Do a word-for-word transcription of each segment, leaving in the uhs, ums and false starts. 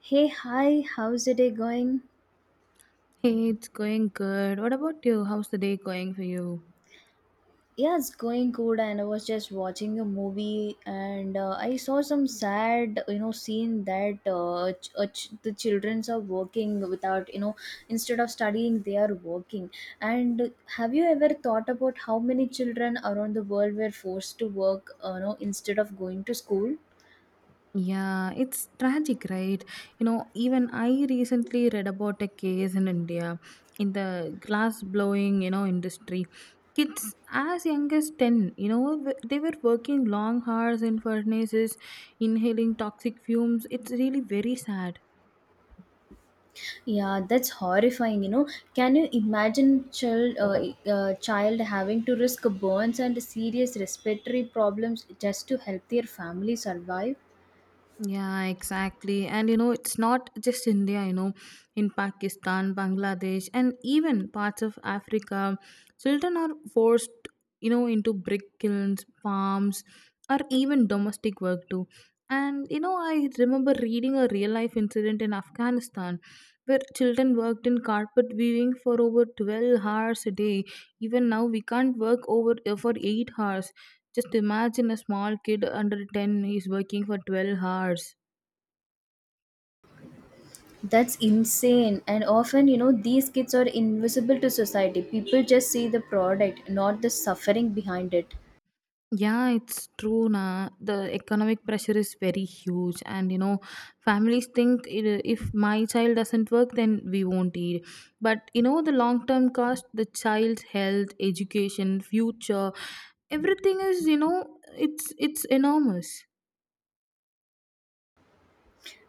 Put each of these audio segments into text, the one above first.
Hey, hi, how's the day going? Hey, it's going good. What about you? How's the day going for you? Yeah, it's going good, and I was just watching a movie, and uh, I saw some sad, you know, scene that uh, ch- uh, ch- the childrens are working without, you know, instead of studying, they are working. And have you ever thought about how many children around the world were forced to work, uh, you know, instead of going to school? Yeah, it's tragic, right? You know, even I recently read about a case in India in the glass blowing, you know, industry. Kids as young as ten, you know, w- they were working long hours in furnaces, inhaling toxic fumes. It's really very sad. Yeah, that's horrifying, you know. Can you imagine child uh, e, uh, child having to risk burns and serious respiratory problems just to help their family survive? Yeah, exactly. And you know, it's not just India, you know, in Pakistan, Bangladesh, and even parts of Africa, children are forced, you know, into brick kilns, farms, or even domestic work too. And you know, I remember reading a real life incident in Afghanistan where children worked in carpet weaving for over twelve hours a day. Even now, we can't work over for eight hours. Just imagine a small kid under ten is working for twelve hours. That's insane. And often, you know, these kids are invisible to society. People just see the product, not the suffering behind it. Yeah, it's true. Na. The economic pressure is very huge, and you know, families think, "I- if my child doesn't work, then we won't eat." But you know, the long term cost, the child's health, education, future, everything is, you know, it's it's enormous.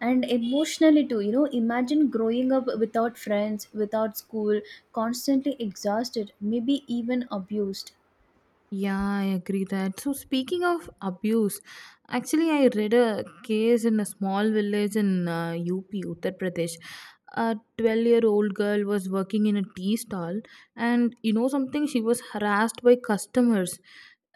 And emotionally too, you know, imagine growing up without friends, without school, constantly exhausted, maybe even abused. Yeah, I agree that. So speaking of abuse, actually I read a case in a small village in uh, U P, Uttar Pradesh. A twelve-year-old girl was working in a tea stall, and you know something, she was harassed by customers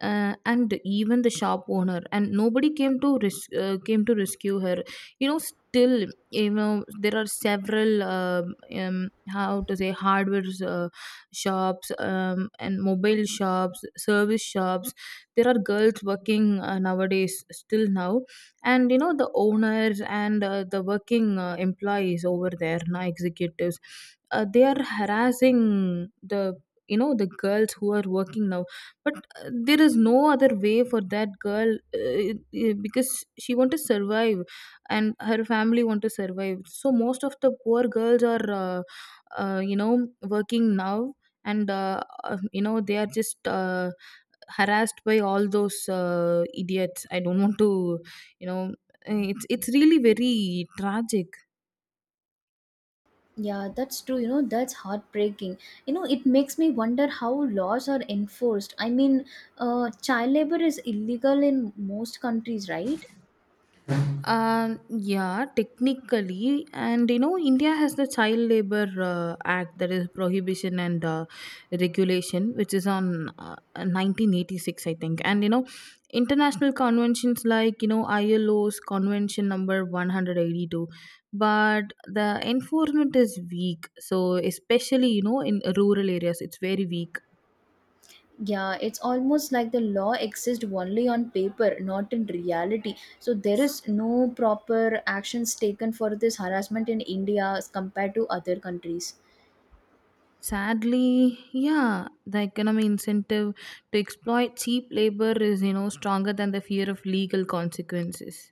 uh, and even the shop owner, and nobody came to res- uh, came to rescue her. You know, still, you know, there are several um um, how to say, hardwares uh, shops, um, and mobile shops, service shops. There are girls working uh, nowadays, still now, and you know, the owners and uh, the working uh, employees over there, na, executives, uh, they are harassing the, you know, the girls who are working now. But uh, there is no other way for that girl, uh, uh, because she want to survive, and her family want to survive, so most of the poor girls are uh, uh, you know, working now. And uh, uh, you know, they are just uh, harassed by all those uh, idiots. I don't want to, you know, eh, it's it's really very tragic. Yeah, that's true. You know, that's heartbreaking. You know, it makes me wonder how laws are enforced. I mean, uh, child labor is illegal in most countries, right? Um, yeah, technically, and you know, India has the Child Labor uh, Act, that is Prohibition and uh, Regulation, which is on uh, nineteen eighty-six, I think. And you know, international conventions like, you know, I L O's Convention number one hundred eighty-two, but the enforcement is weak. So especially, you know, in rural areas, it's very weak. Yeah, it's almost like the law exists only on paper, not in reality. So there is no proper actions taken for this harassment in India as compared to other countries. Sadly, yeah, the economic incentive to exploit cheap labor is, you know, stronger than the fear of legal consequences.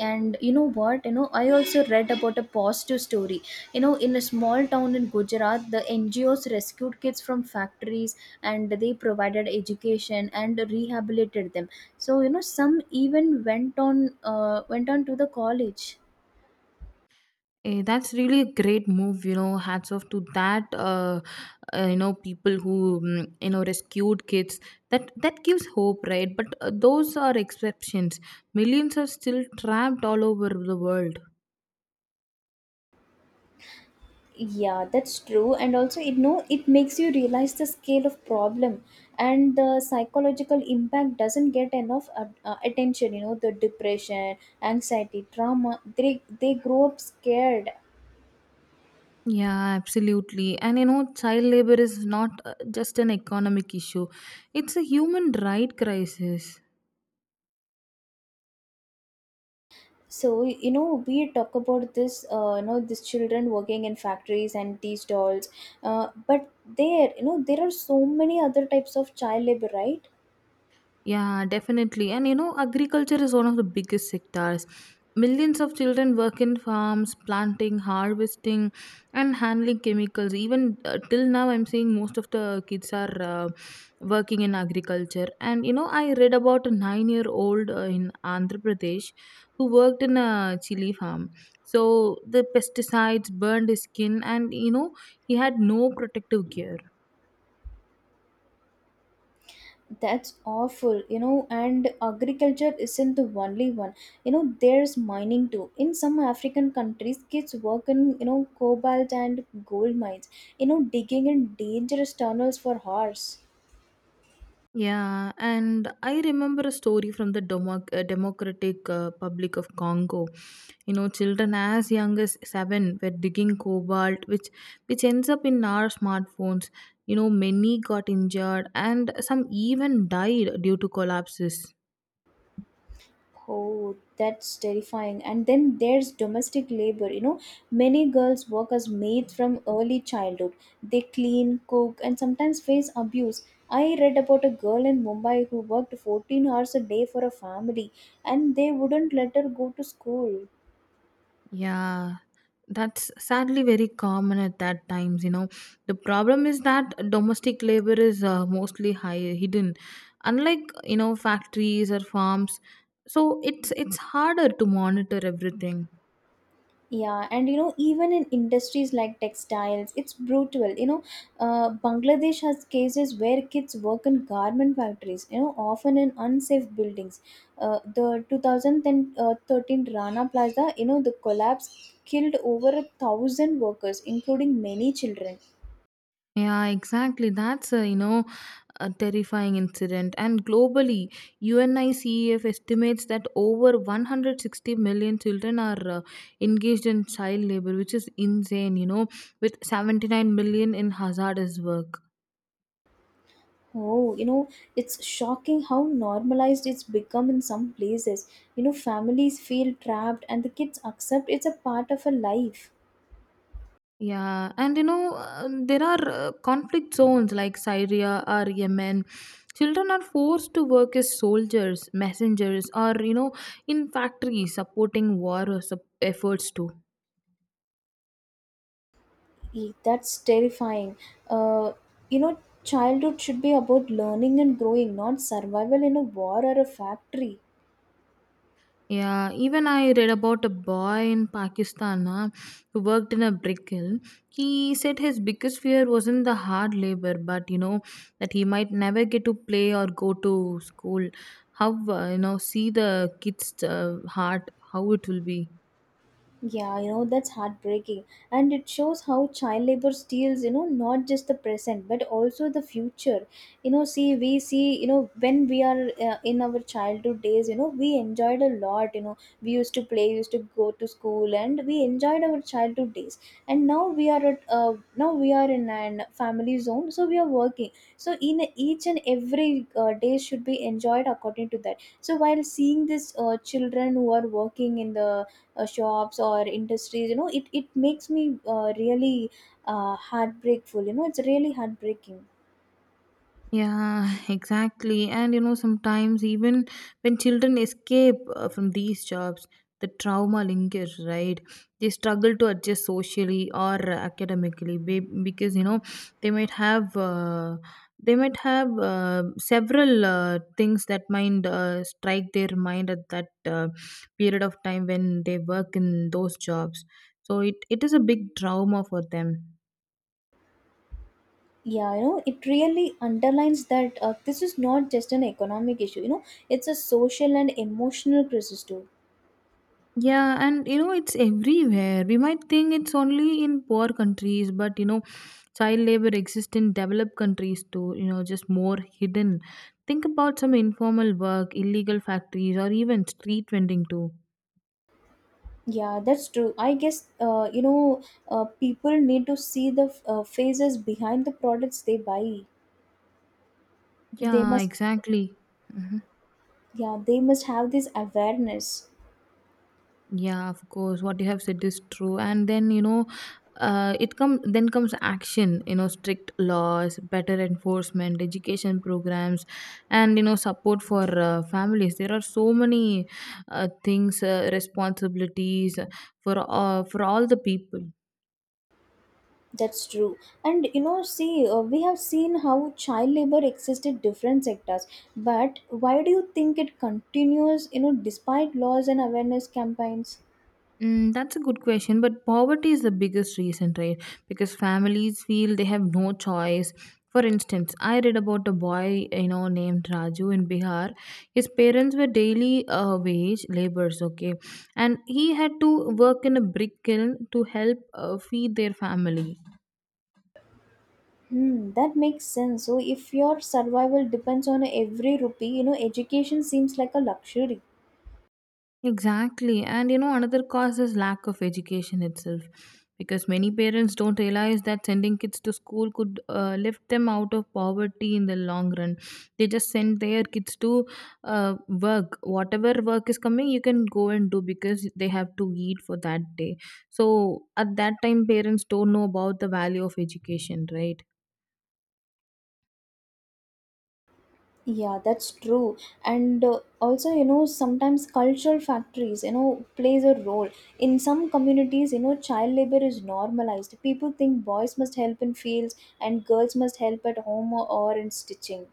And you know what, you know, I also read about a positive story, you know, in a small town in Gujarat. The NGOs rescued kids from factories and they provided education and rehabilitated them. So, you know, some even went on uh, went on to the college. Eh, that's really a great move, you know. Hats off to that, uh, uh, you know, people who, mm, you know, rescued kids. That that gives hope, right? But uh, those are exceptions. Millions are still trapped all over the world. Yeah, that's true, and also it know it makes you realize the scale of problem, and the psychological impact doesn't get enough uh, uh, attention, you know, the depression, anxiety, trauma, they they grow up scared. Yeah, absolutely. And you know, child labor is not uh, just an economic issue; it's a human right crisis. So, you know, we talk about this, uh, you know, these children working in factories and tea stalls, uh, but there, you know, there are so many other types of child labor, right? Yeah, definitely. And you know, agriculture is one of the biggest sectors. Millions of children work in farms, planting, harvesting, and handling chemicals. Even uh, till now, I'm seeing most of the kids are uh, working in agriculture. And you know, I read about a nine year old uh, in Andhra Pradesh who worked in a chili farm. So the pesticides burned his skin, and you know, he had no protective gear. That's awful, you know, and agriculture isn't the only one. You know, there's mining too. In some African countries, kids work in, you know, cobalt and gold mines, you know, digging in dangerous tunnels for hours. Yeah, and I remember a story from the Democ- uh, Democratic uh, Republic of Congo. You know, children as young as seven were digging cobalt, which which ends up in our smartphones. You know, many got injured, and some even died due to collapses. Oh, that's terrifying. And then there's domestic labor. You know, many girls work as maids from early childhood. They clean, cook, and sometimes face abuse. I read about a girl in Mumbai who worked fourteen hours a day for a family and they wouldn't let her go to school. Yeah, that's sadly very common at that times, you know. The problem is that domestic labor is uh, mostly high hidden, unlike, you know, factories or farms. So it's it's harder to monitor everything. Yeah, and you know, even in industries like textiles, it's brutal. You know, uh, Bangladesh has cases where kids work in garment factories, you know, often in unsafe buildings. Uh, the two thousand thirteen Rana Plaza, you know, the collapse killed over a thousand workers, including many children. Yeah, exactly. That's a, you know, a terrifying incident. And globally, UNICEF estimates that over one hundred sixty million children are uh, engaged in child labor, which is insane, you know, with seventy-nine million in hazardous work. Oh, you know, it's shocking how normalized it's become in some places. You know, families feel trapped and the kids accept it's a part of a life. Yeah, and you know, uh, there are uh, conflict zones like Syria or Yemen. Children are forced to work as soldiers, messengers, or, you know, in factories supporting war or sup- efforts too. Eek, that's terrifying. Uh, you know, childhood should be about learning and growing, not survival in a war or a factory. Yeah, even I read about a boy in Pakistan uh, who worked in a brick kiln. He said his biggest fear wasn't the hard labor, but you know, that he might never get to play or go to school. How, uh, you know, see the kids' uh, heart, how it will be. Yeah, you know, that's heartbreaking. And it shows how child labor steals, you know, not just the present, but also the future. You know, see, we see, you know, when we are uh, in our childhood days, you know, we enjoyed a lot. You know, we used to play, used to go to school, and we enjoyed our childhood days. And now we are at, uh, now we are in an family zone, so we are working. So, in each and every uh, day should be enjoyed according to that. So, while seeing these uh, children who are working in the uh, shops or industries, you know, it it makes me uh, really uh, heartbreakful, you know, it's really heartbreaking. Yeah, exactly. And you know, sometimes even when children escape uh, from these jobs, the trauma lingers, right? They struggle to adjust socially or academically be- because you know they might have uh, they might have uh, several uh, things that might uh, strike their mind at that uh, period of time when they work in those jobs. So it, it is a big trauma for them. Yeah, you know, it really underlines that uh, this is not just an economic issue, you know, it's a social and emotional crisis too. Yeah, and you know, it's everywhere. We might think it's only in poor countries, but you know, child labor exists in developed countries too, you know, just more hidden. Think about some informal work, illegal factories, or even street vending too. Yeah, that's true, I guess, uh, you know, uh, people need to see the uh, phases behind the products they buy. They Yeah, must. exactly. Mhm. Yeah, they must have this awareness. Yeah, of course. What you have said is true. And then, you know, uh, it come then comes action, you know, strict laws, better enforcement, education programs, and you know, support for uh, families. There are so many uh, things, uh, responsibilities for uh, for all the people. That's true. And you know, see, uh, we have seen how child labor exists in different sectors. But why do you think it continues, you know, despite laws and awareness campaigns? Mm, that's a good question, but poverty is the biggest reason, right? Because families feel they have no choice. For instance, I read about a boy, you know, named Raju in Bihar. His parents were daily uh, wage laborers, okay, and he had to work in a brick kiln to help uh, feed their family. Hmm, that makes sense. So if your survival depends on every rupee, you know, education seems like a luxury. Exactly. And you know, another cause is lack of education itself, because many parents don't realize that sending kids to school could uh, lift them out of poverty in the long run. They just send their kids to uh, work. Whatever work is coming, you can go and do, because they have to eat for that day. So at that time, parents don't know about the value of education, right? Yeah, that's true. And uh, also, you know, sometimes cultural factories, you know, plays a role. In some communities, you know, child labor is normalized. People think boys must help in fields and girls must help at home or, or in stitching.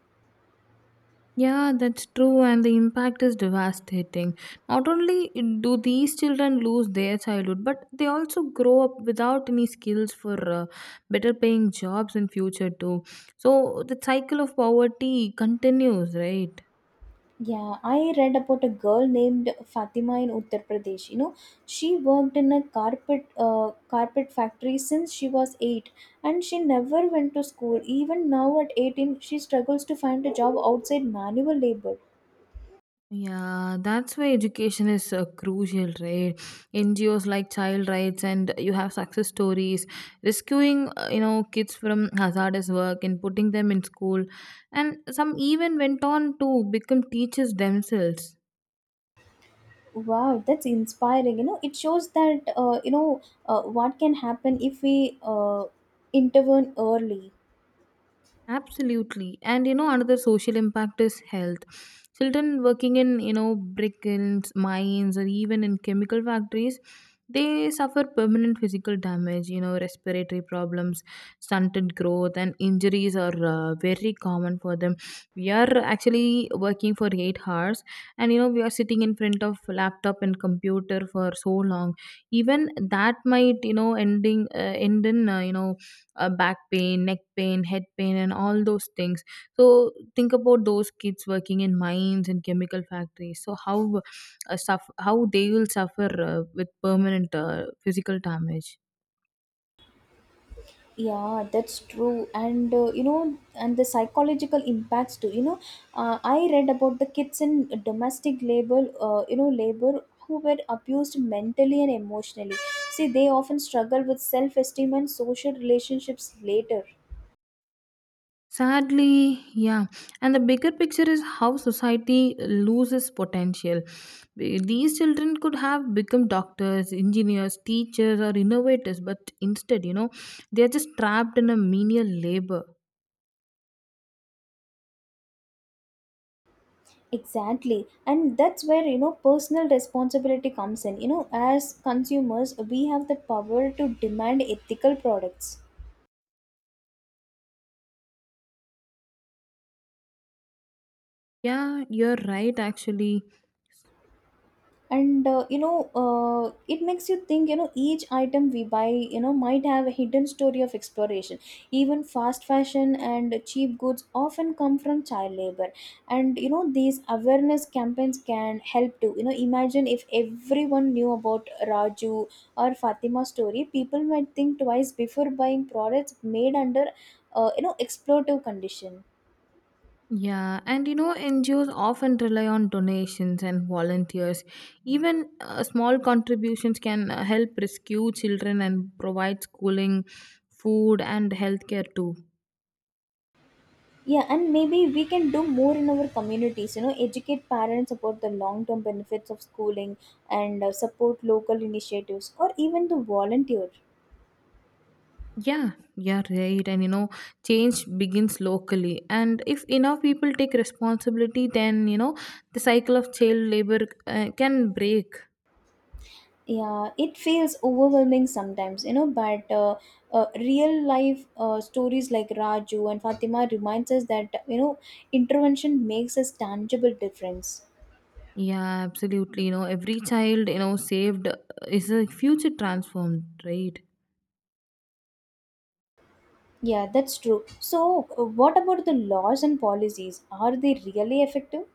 Yeah, that's true, and the impact is devastating. Not only do these children lose their childhood, but they also grow up without any skills for uh, better paying jobs in future too. So the cycle of poverty continues, right? Yeah, I read about a girl named Fatima in Uttar Pradesh. You know, she worked in a carpet uh, carpet factory since she was eight, and she never went to school. Even now at eighteen, she struggles to find a job outside manual labor. Yeah, that's why education is uh, crucial, right? N G Os like child rights and you have success stories, rescuing uh, you know, kids from hazardous work and putting them in school, and some even went on to become teachers themselves. Wow, that's inspiring. You know, it shows that, uh, you know, uh, what can happen if we uh, intervene early. Absolutely. And you know, another social impact is health. Children working in, you know, brick kilns, mines, or even in chemical factories, they suffer permanent physical damage, you know, respiratory problems, stunted growth, and injuries are uh, very common for them. We are actually working for eight hours, and you know, we are sitting in front of laptop and computer for so long. Even that might, you know, ending uh, end in, uh, you know, uh, back pain, neck pain, head pain, and all those things. So think about those kids working in mines and chemical factories. So how uh, suff- how they will suffer uh, with permanent uh, physical damage. Yeah, that's true. And uh, you know, and the psychological impacts too. You know, uh, I read about the kids in domestic labor, uh, you know, labor who were abused mentally and emotionally. See, they often struggle with self-esteem and social relationships later. Sadly, yeah. And the bigger picture is how society loses potential. These children could have become doctors, engineers, teachers, or innovators, but instead, you know, they are just trapped in a menial labor. Exactly. And that's where, you know, personal responsibility comes in. You know, as consumers, we have the power to demand ethical products. Yeah, you're right, actually. And uh, you know, uh, it makes you think, you know, each item we buy, you know, might have a hidden story of exploration. Even fast fashion and cheap goods often come from child labor. And you know, these awareness campaigns can help to, you know, imagine if everyone knew about Raju or Fatima's story. People might think twice before buying products made under, uh, you know, exploitative condition. Yeah, and you know, N G Os often rely on donations and volunteers. Even uh, small contributions can uh, help rescue children and provide schooling, food, and healthcare too. Yeah, and maybe we can do more in our communities, you know, educate parents about the long term benefits of schooling, and uh, support local initiatives or even the volunteer. Yeah, yeah, right. And you know, change begins locally. And if enough people take responsibility, then, you know, the cycle of child labor uh, can break. Yeah, it feels overwhelming sometimes, you know, but uh, uh, real life uh, stories like Raju and Fatima reminds us that, you know, intervention makes a tangible difference. Yeah, absolutely. You know, every child, you know, saved uh, is a future transformed, right? Yeah, that's true. So, uh, what about the laws and policies? Are they really effective?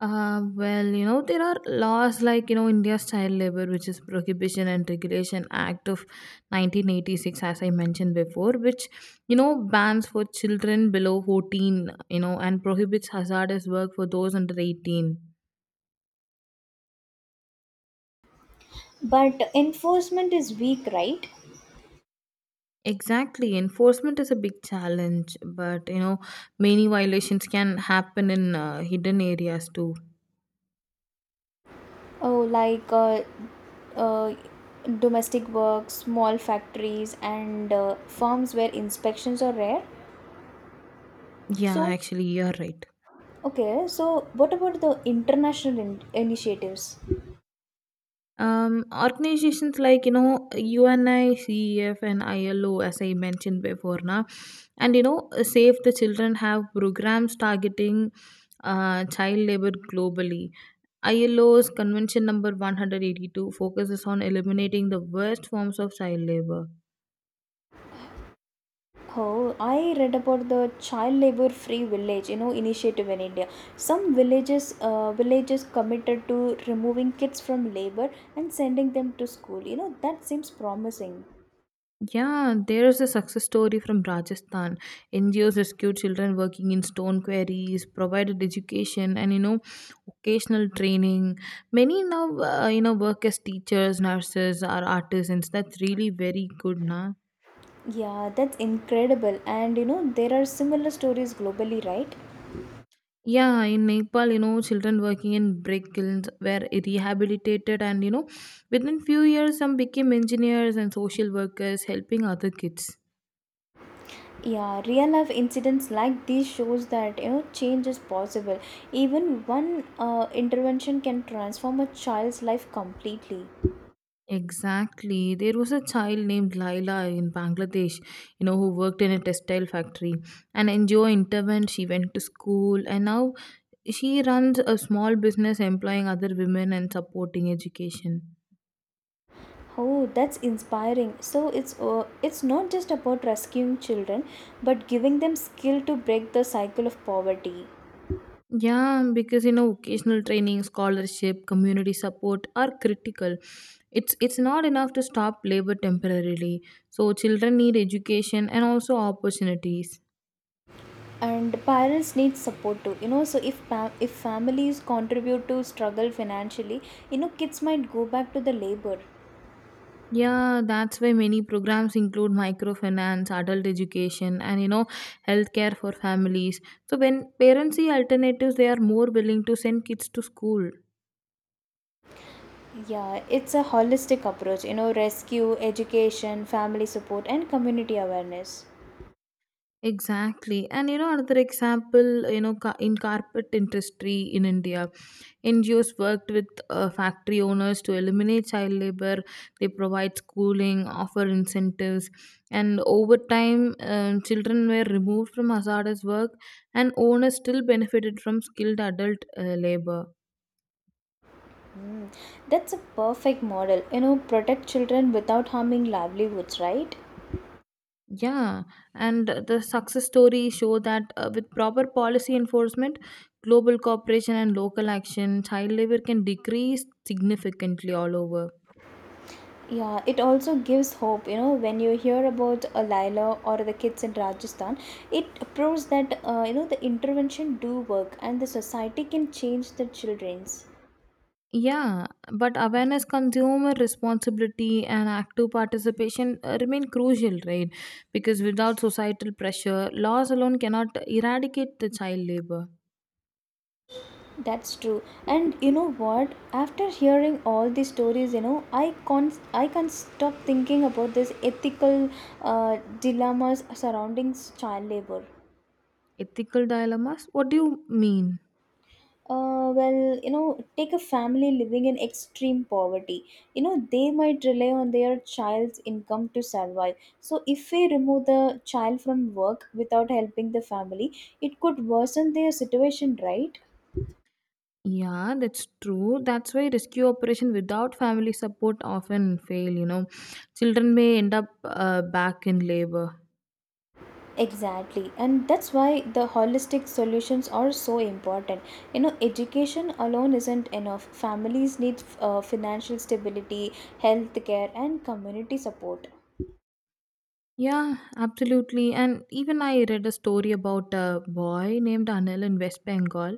Uh, well, you know, there are laws like, you know, India's Child Labor, which is Prohibition and Regulation Act of nineteen eighty-six, as I mentioned before, which, you know, bans for children below fourteen, you know, and prohibits hazardous work for those under eighteen. But enforcement is weak, right? Exactly. Enforcement is a big challenge, but, you know, many violations can happen in uh, hidden areas too. Oh, like uh, uh, domestic work, small factories, and uh, firms where inspections are rare. Yeah, So, actually, you're right. okay, so what about the international in- initiatives? Um, organizations like, you know, UNICEF and I L O, as I mentioned before, na, and you know, Save the Children have programs targeting uh, child labor globally. I L O's Convention number one hundred eighty two focuses on eliminating the worst forms of child labor. Oh, I read about the child labor free village, you know, initiative in India. Some villages, uh, villages committed to removing kids from labor and sending them to school. You know, that seems promising. Yeah, there is a success story from Rajasthan. N G Os rescued children working in stone quarries, provided education, and you know, occasional training. Many now, uh, you know, work as teachers, nurses, or artisans. That's really very good, na. Yeah, that's incredible. And you know, there are similar stories globally, right? Yeah, in Nepal, you know, children working in brick kilns were rehabilitated, and you know, within few years, some became engineers and social workers, helping other kids. Yeah, real life incidents like these shows that, you know, change is possible. Even one uh, intervention can transform a child's life completely. Exactly. There was a child named Laila in Bangladesh, you know, who worked in a textile factory and N G O intervened. She went to school and now she runs a small business employing other women and supporting education. Oh, that's inspiring. So it's, uh, it's not just about rescuing children, but giving them skill to break the cycle of poverty. Yeah, because you know, vocational training, scholarship, community support are critical. It's it's not enough to stop labor temporarily. So children need education and also opportunities. And parents need support too, you know, so if pa- if families contribute to struggle financially, you know, kids might go back to the labor. Yeah, that's why many programs include microfinance, adult education, and you know, healthcare for families. So when parents see alternatives, they are more willing to send kids to school. Yeah, it's a holistic approach, you know, rescue, education, family support, and community awareness. Exactly. And you know, another example, you know, ca- in carpet industry in India, N G Os worked with uh, factory owners to eliminate child labor. They provide schooling, offer incentives, and over time, um, children were removed from hazardous work, and owners still benefited from skilled adult uh, labor. Mm, that's a perfect model, you know, protect children without harming livelihoods, right? Yeah, and uh, the success stories show that uh, with proper policy enforcement, global cooperation, and local action, child labor can decrease significantly all over. Yeah, it also gives hope, you know, when you hear about a Lila or the kids in Rajasthan, it proves that, uh, you know, the intervention do work and the society can change the children's. Yeah, but awareness, consumer responsibility, and active participation uh, remain crucial, right? Because without societal pressure, laws alone cannot eradicate the child labor. That's true. And you know what? After hearing all these stories, you know, I can't I can't stop thinking about this ethical uh, dilemmas surrounding s- child labor. Ethical dilemmas? What do you mean? Uh, well, you know, take a family living in extreme poverty. You know, they might rely on their child's income to survive. So, if we remove the child from work without helping the family, it could worsen their situation, right? Yeah, that's true. That's why rescue operation without family support often fail, you know. Children may end up uh, back in labor. Exactly, and that's why the holistic solutions are so important. You know, education alone isn't enough. Families need uh, financial stability, health care, and community support. Yeah, absolutely. And even I read a story about a boy named Anil in West Bengal.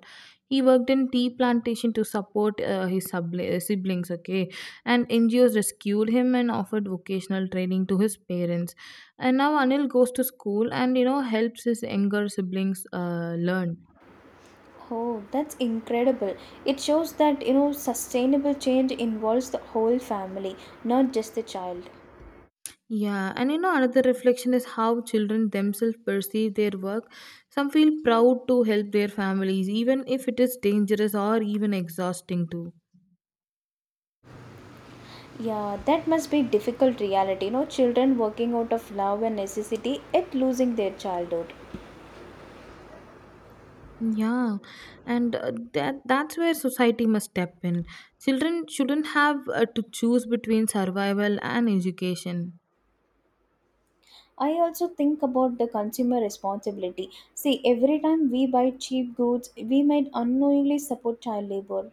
He worked in tea plantation to support uh, his subli- uh, siblings, okay? And N G Os rescued him and offered vocational training to his parents. And now Anil goes to school and, you know, helps his younger siblings uh, learn. Oh, that's incredible. It shows that, you know, sustainable change involves the whole family, not just the child. Yeah, and you know, another reflection is how children themselves perceive their work. Some feel proud to help their families, even if it is dangerous or even exhausting too. Yeah, that must be difficult reality. You know, children working out of love and necessity yet losing their childhood. Yeah, and uh, that that's where society must step in. Children shouldn't have uh, to choose between survival and education. I also think about the consumer responsibility. See, every time we buy cheap goods, we might unknowingly support child labor.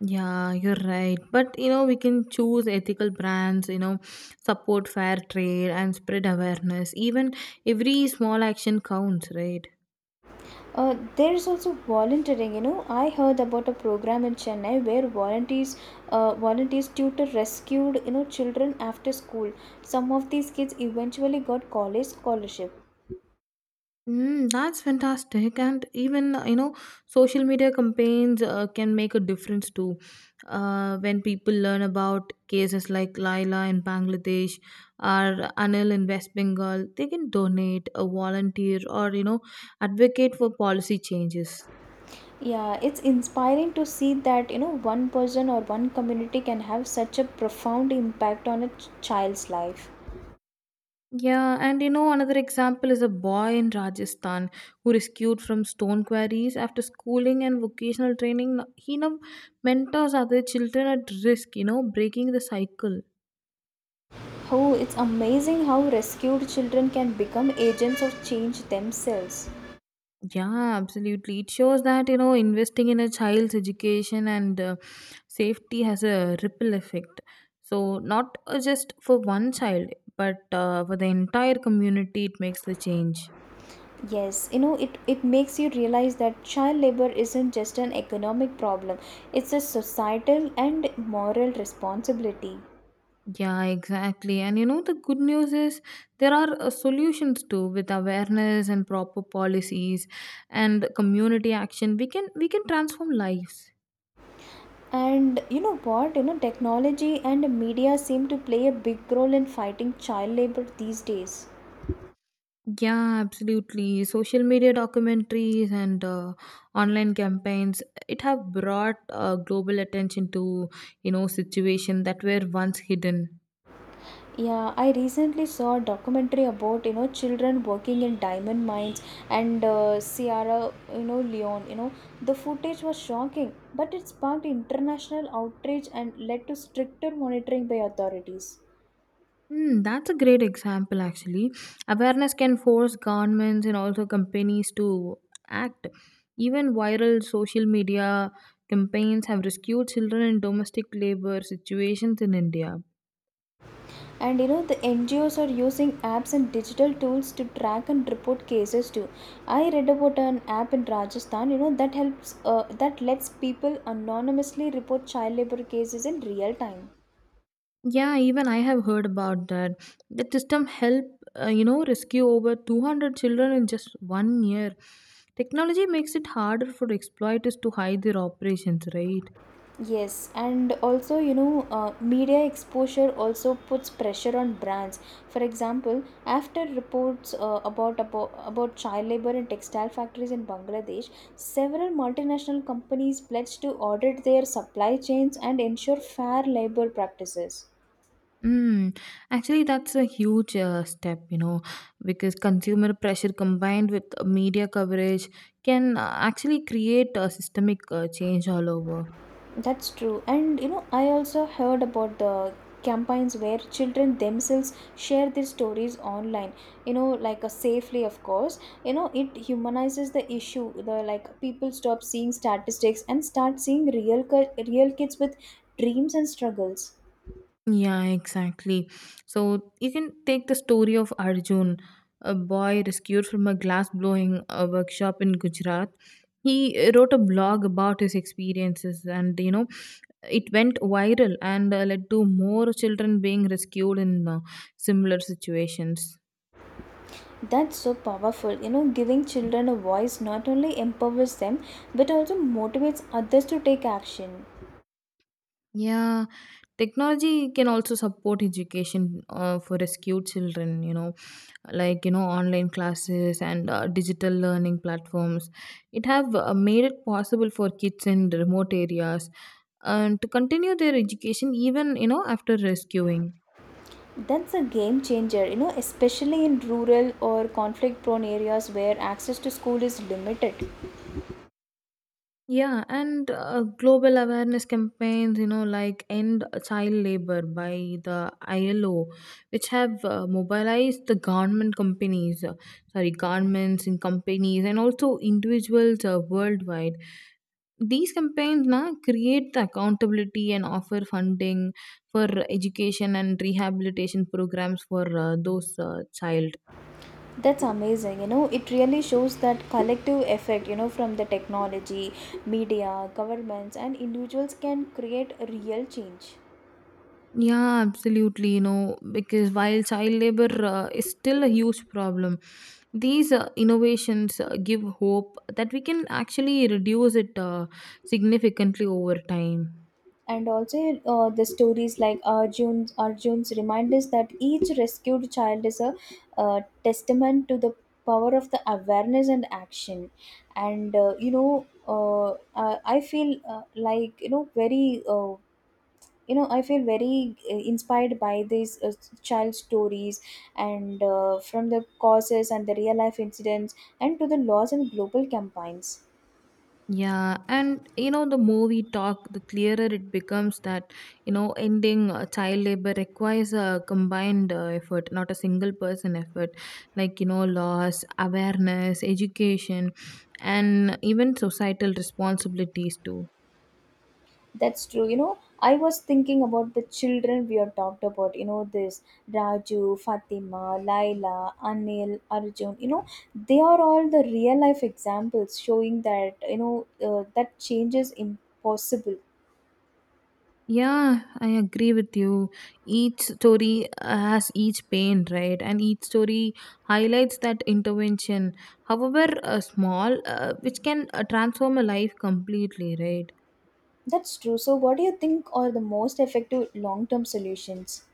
Yeah, you're right. But you know, we can choose ethical brands, you know, support fair trade and spread awareness. Even every small action counts, right? Uh, there is also volunteering. You know, I heard about a program in Chennai where volunteers, uh, volunteers tutor rescued, you know, children after school. Some of these kids eventually got college scholarship. Mm, that's fantastic. And even, you know, social media campaigns uh, can make a difference too. Uh, when people learn about cases like Laila in Bangladesh or Anil in West Bengal, they can donate, a volunteer, or, you know, advocate for policy changes. Yeah, it's inspiring to see that, you know, one person or one community can have such a profound impact on a ch- child's life. Yeah, and you know, another example is a boy in Rajasthan who rescued from stone quarries after schooling and vocational training. He now mentors other children at risk, you know, breaking the cycle. Oh, it's amazing how rescued children can become agents of change themselves. Yeah, absolutely. It shows that, you know, investing in a child's education and uh, safety has a ripple effect. So, not uh, just for one child, but uh, for the entire community, it makes the change. Yes, you know, it, it makes you realize that child labor isn't just an economic problem, it's a societal and moral responsibility. Yeah, exactly. And you know, the good news is there are uh, solutions too with awareness and proper policies and community action. We can we can transform lives. And you know what? You know, technology and media seem to play a big role in fighting child labor these days. Yeah, absolutely. Social media documentaries and uh, online campaigns it have brought uh, global attention to you know situation that were once hidden. Yeah, I recently saw a documentary about you know children working in diamond mines and uh, Sierra you know Leone. You know the footage was shocking, but it sparked international outrage and led to stricter monitoring by authorities. Hmm, that's a great example actually. Awareness can force governments and also companies to act. Even viral social media campaigns have rescued children in domestic labor situations in India. And you know the N G Os are using apps and digital tools to track and report cases too. I read about an app in Rajasthan You know that helps uh, that lets people anonymously report child labor cases in real time. Yeah, even I have heard about that. The system helped, uh, you know, rescue over two hundred children in just one year. Technology makes it harder for exploiters to hide their operations, right? Yes, and also, you know, uh, media exposure also puts pressure on brands. For example, after reports uh, about, about about child labor in textile factories in Bangladesh, several multinational companies pledged to audit their supply chains and ensure fair labor practices. Mm. Actually, that's a huge uh, step, you know, because consumer pressure combined with media coverage can uh, actually create a systemic uh, change all over. That's true. And you know, I also heard about the campaigns where children themselves share their stories online, you know, like, a safely of course. You know, it humanizes the issue, the like people stop seeing statistics and start seeing real ki- real kids with dreams and struggles. Yeah, exactly. So you can take the story of Arjun, a boy rescued from a glass blowing uh, workshop in Gujarat. He uh, wrote a blog about his experiences, and you know, it went viral and uh, led to more children being rescued in uh, similar situations. That's so powerful. You know, giving children a voice not only empowers them but also motivates others to take action. Yeah, technology can also support education uh, for rescued children, you know like you know online classes and uh, digital learning platforms it have uh, made it possible for kids in remote areas and to continue their education even you know after rescuing. That's a game changer, you know, especially in rural or conflict prone areas where access to school is limited. Yeah, and uh, global awareness campaigns, you know, like End Child Labor by the I L O, which have uh, mobilized the government companies, uh, sorry, governments and companies, and also individuals uh, worldwide. These campaigns na, create the accountability and offer funding for education and rehabilitation programs for uh, those uh, child. That's amazing. You know, it really shows that collective effect, you know, from the technology, media, governments, and individuals can create a real change. Yeah, absolutely. You know, because while child labor uh, is still a huge problem, these uh, innovations uh, give hope that we can actually reduce it uh, significantly over time. And also, uh, the stories like Arjun's Arjun's remind us that each rescued child is a, uh, testament to the power of the awareness and action. And uh, you know uh, uh, I feel, uh, like, you know very, uh, you know I feel very, uh, inspired by these, uh, child stories and, uh, from the causes and the real life incidents and to the laws and global campaigns. Yeah, and you know, the more we talk, the clearer it becomes that you know, ending uh, child labor requires a combined uh, effort, not a single person effort, like you know, laws, awareness, education, and even societal responsibilities too. That's true. You know, I was thinking about the children we have talked about. You know, this Raju, Fatima, Laila, Anil, Arjun. You know, they are all the real life examples showing that, you know, uh, that change is impossible. Yeah, I agree with you. Each story has each pain, right? And each story highlights that intervention, however uh, small, uh, which can uh, transform a life completely, right? That's true. So, what do you think are the most effective long term solutions?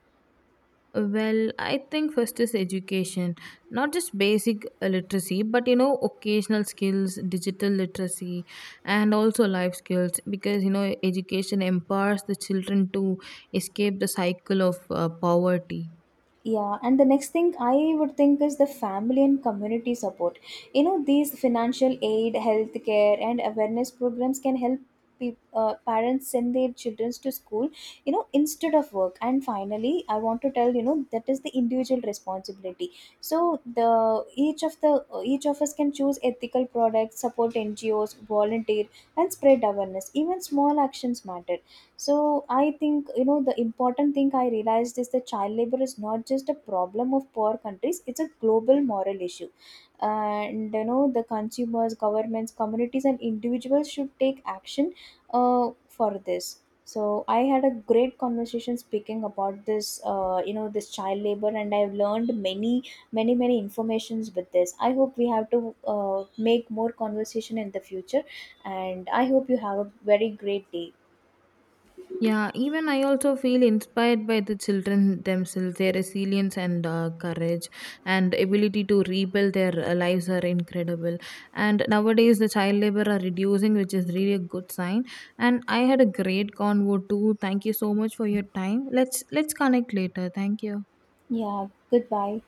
Well, I think first is education, not just basic uh, literacy, but you know, occasional skills, digital literacy, and also life skills because you know, education empowers the children to escape the cycle of uh, poverty. Yeah, and the next thing I would think is the family and community support. You know, these financial aid, healthcare, and awareness programs can help peop uh, parents send their children to school, you know, instead of work. And finally, I want to tell you know that is the individual responsibility. So the each of the each of us can choose ethical products, support N G Os, volunteer, and spread awareness. Even small actions matter. So I think, you know, the important thing I realized is that child labor is not just a problem of poor countries, it's a global moral issue. And you know the consumers, governments, communities, and individuals should take action, uh, for this. So I had a great conversation speaking about this, uh, you know this child labor, and I've learned many many many informations with this. I hope we have to, uh, make more conversation in the future, and I hope you have a very great day. Yeah, even I also feel inspired by the children themselves. Their resilience and uh, courage and ability to rebuild their uh, lives are incredible. And nowadays, the child labor are reducing, which is really a good sign. And I had a great convo too. Thank you so much for your time. Let's let's connect later. Thank you. Yeah, goodbye.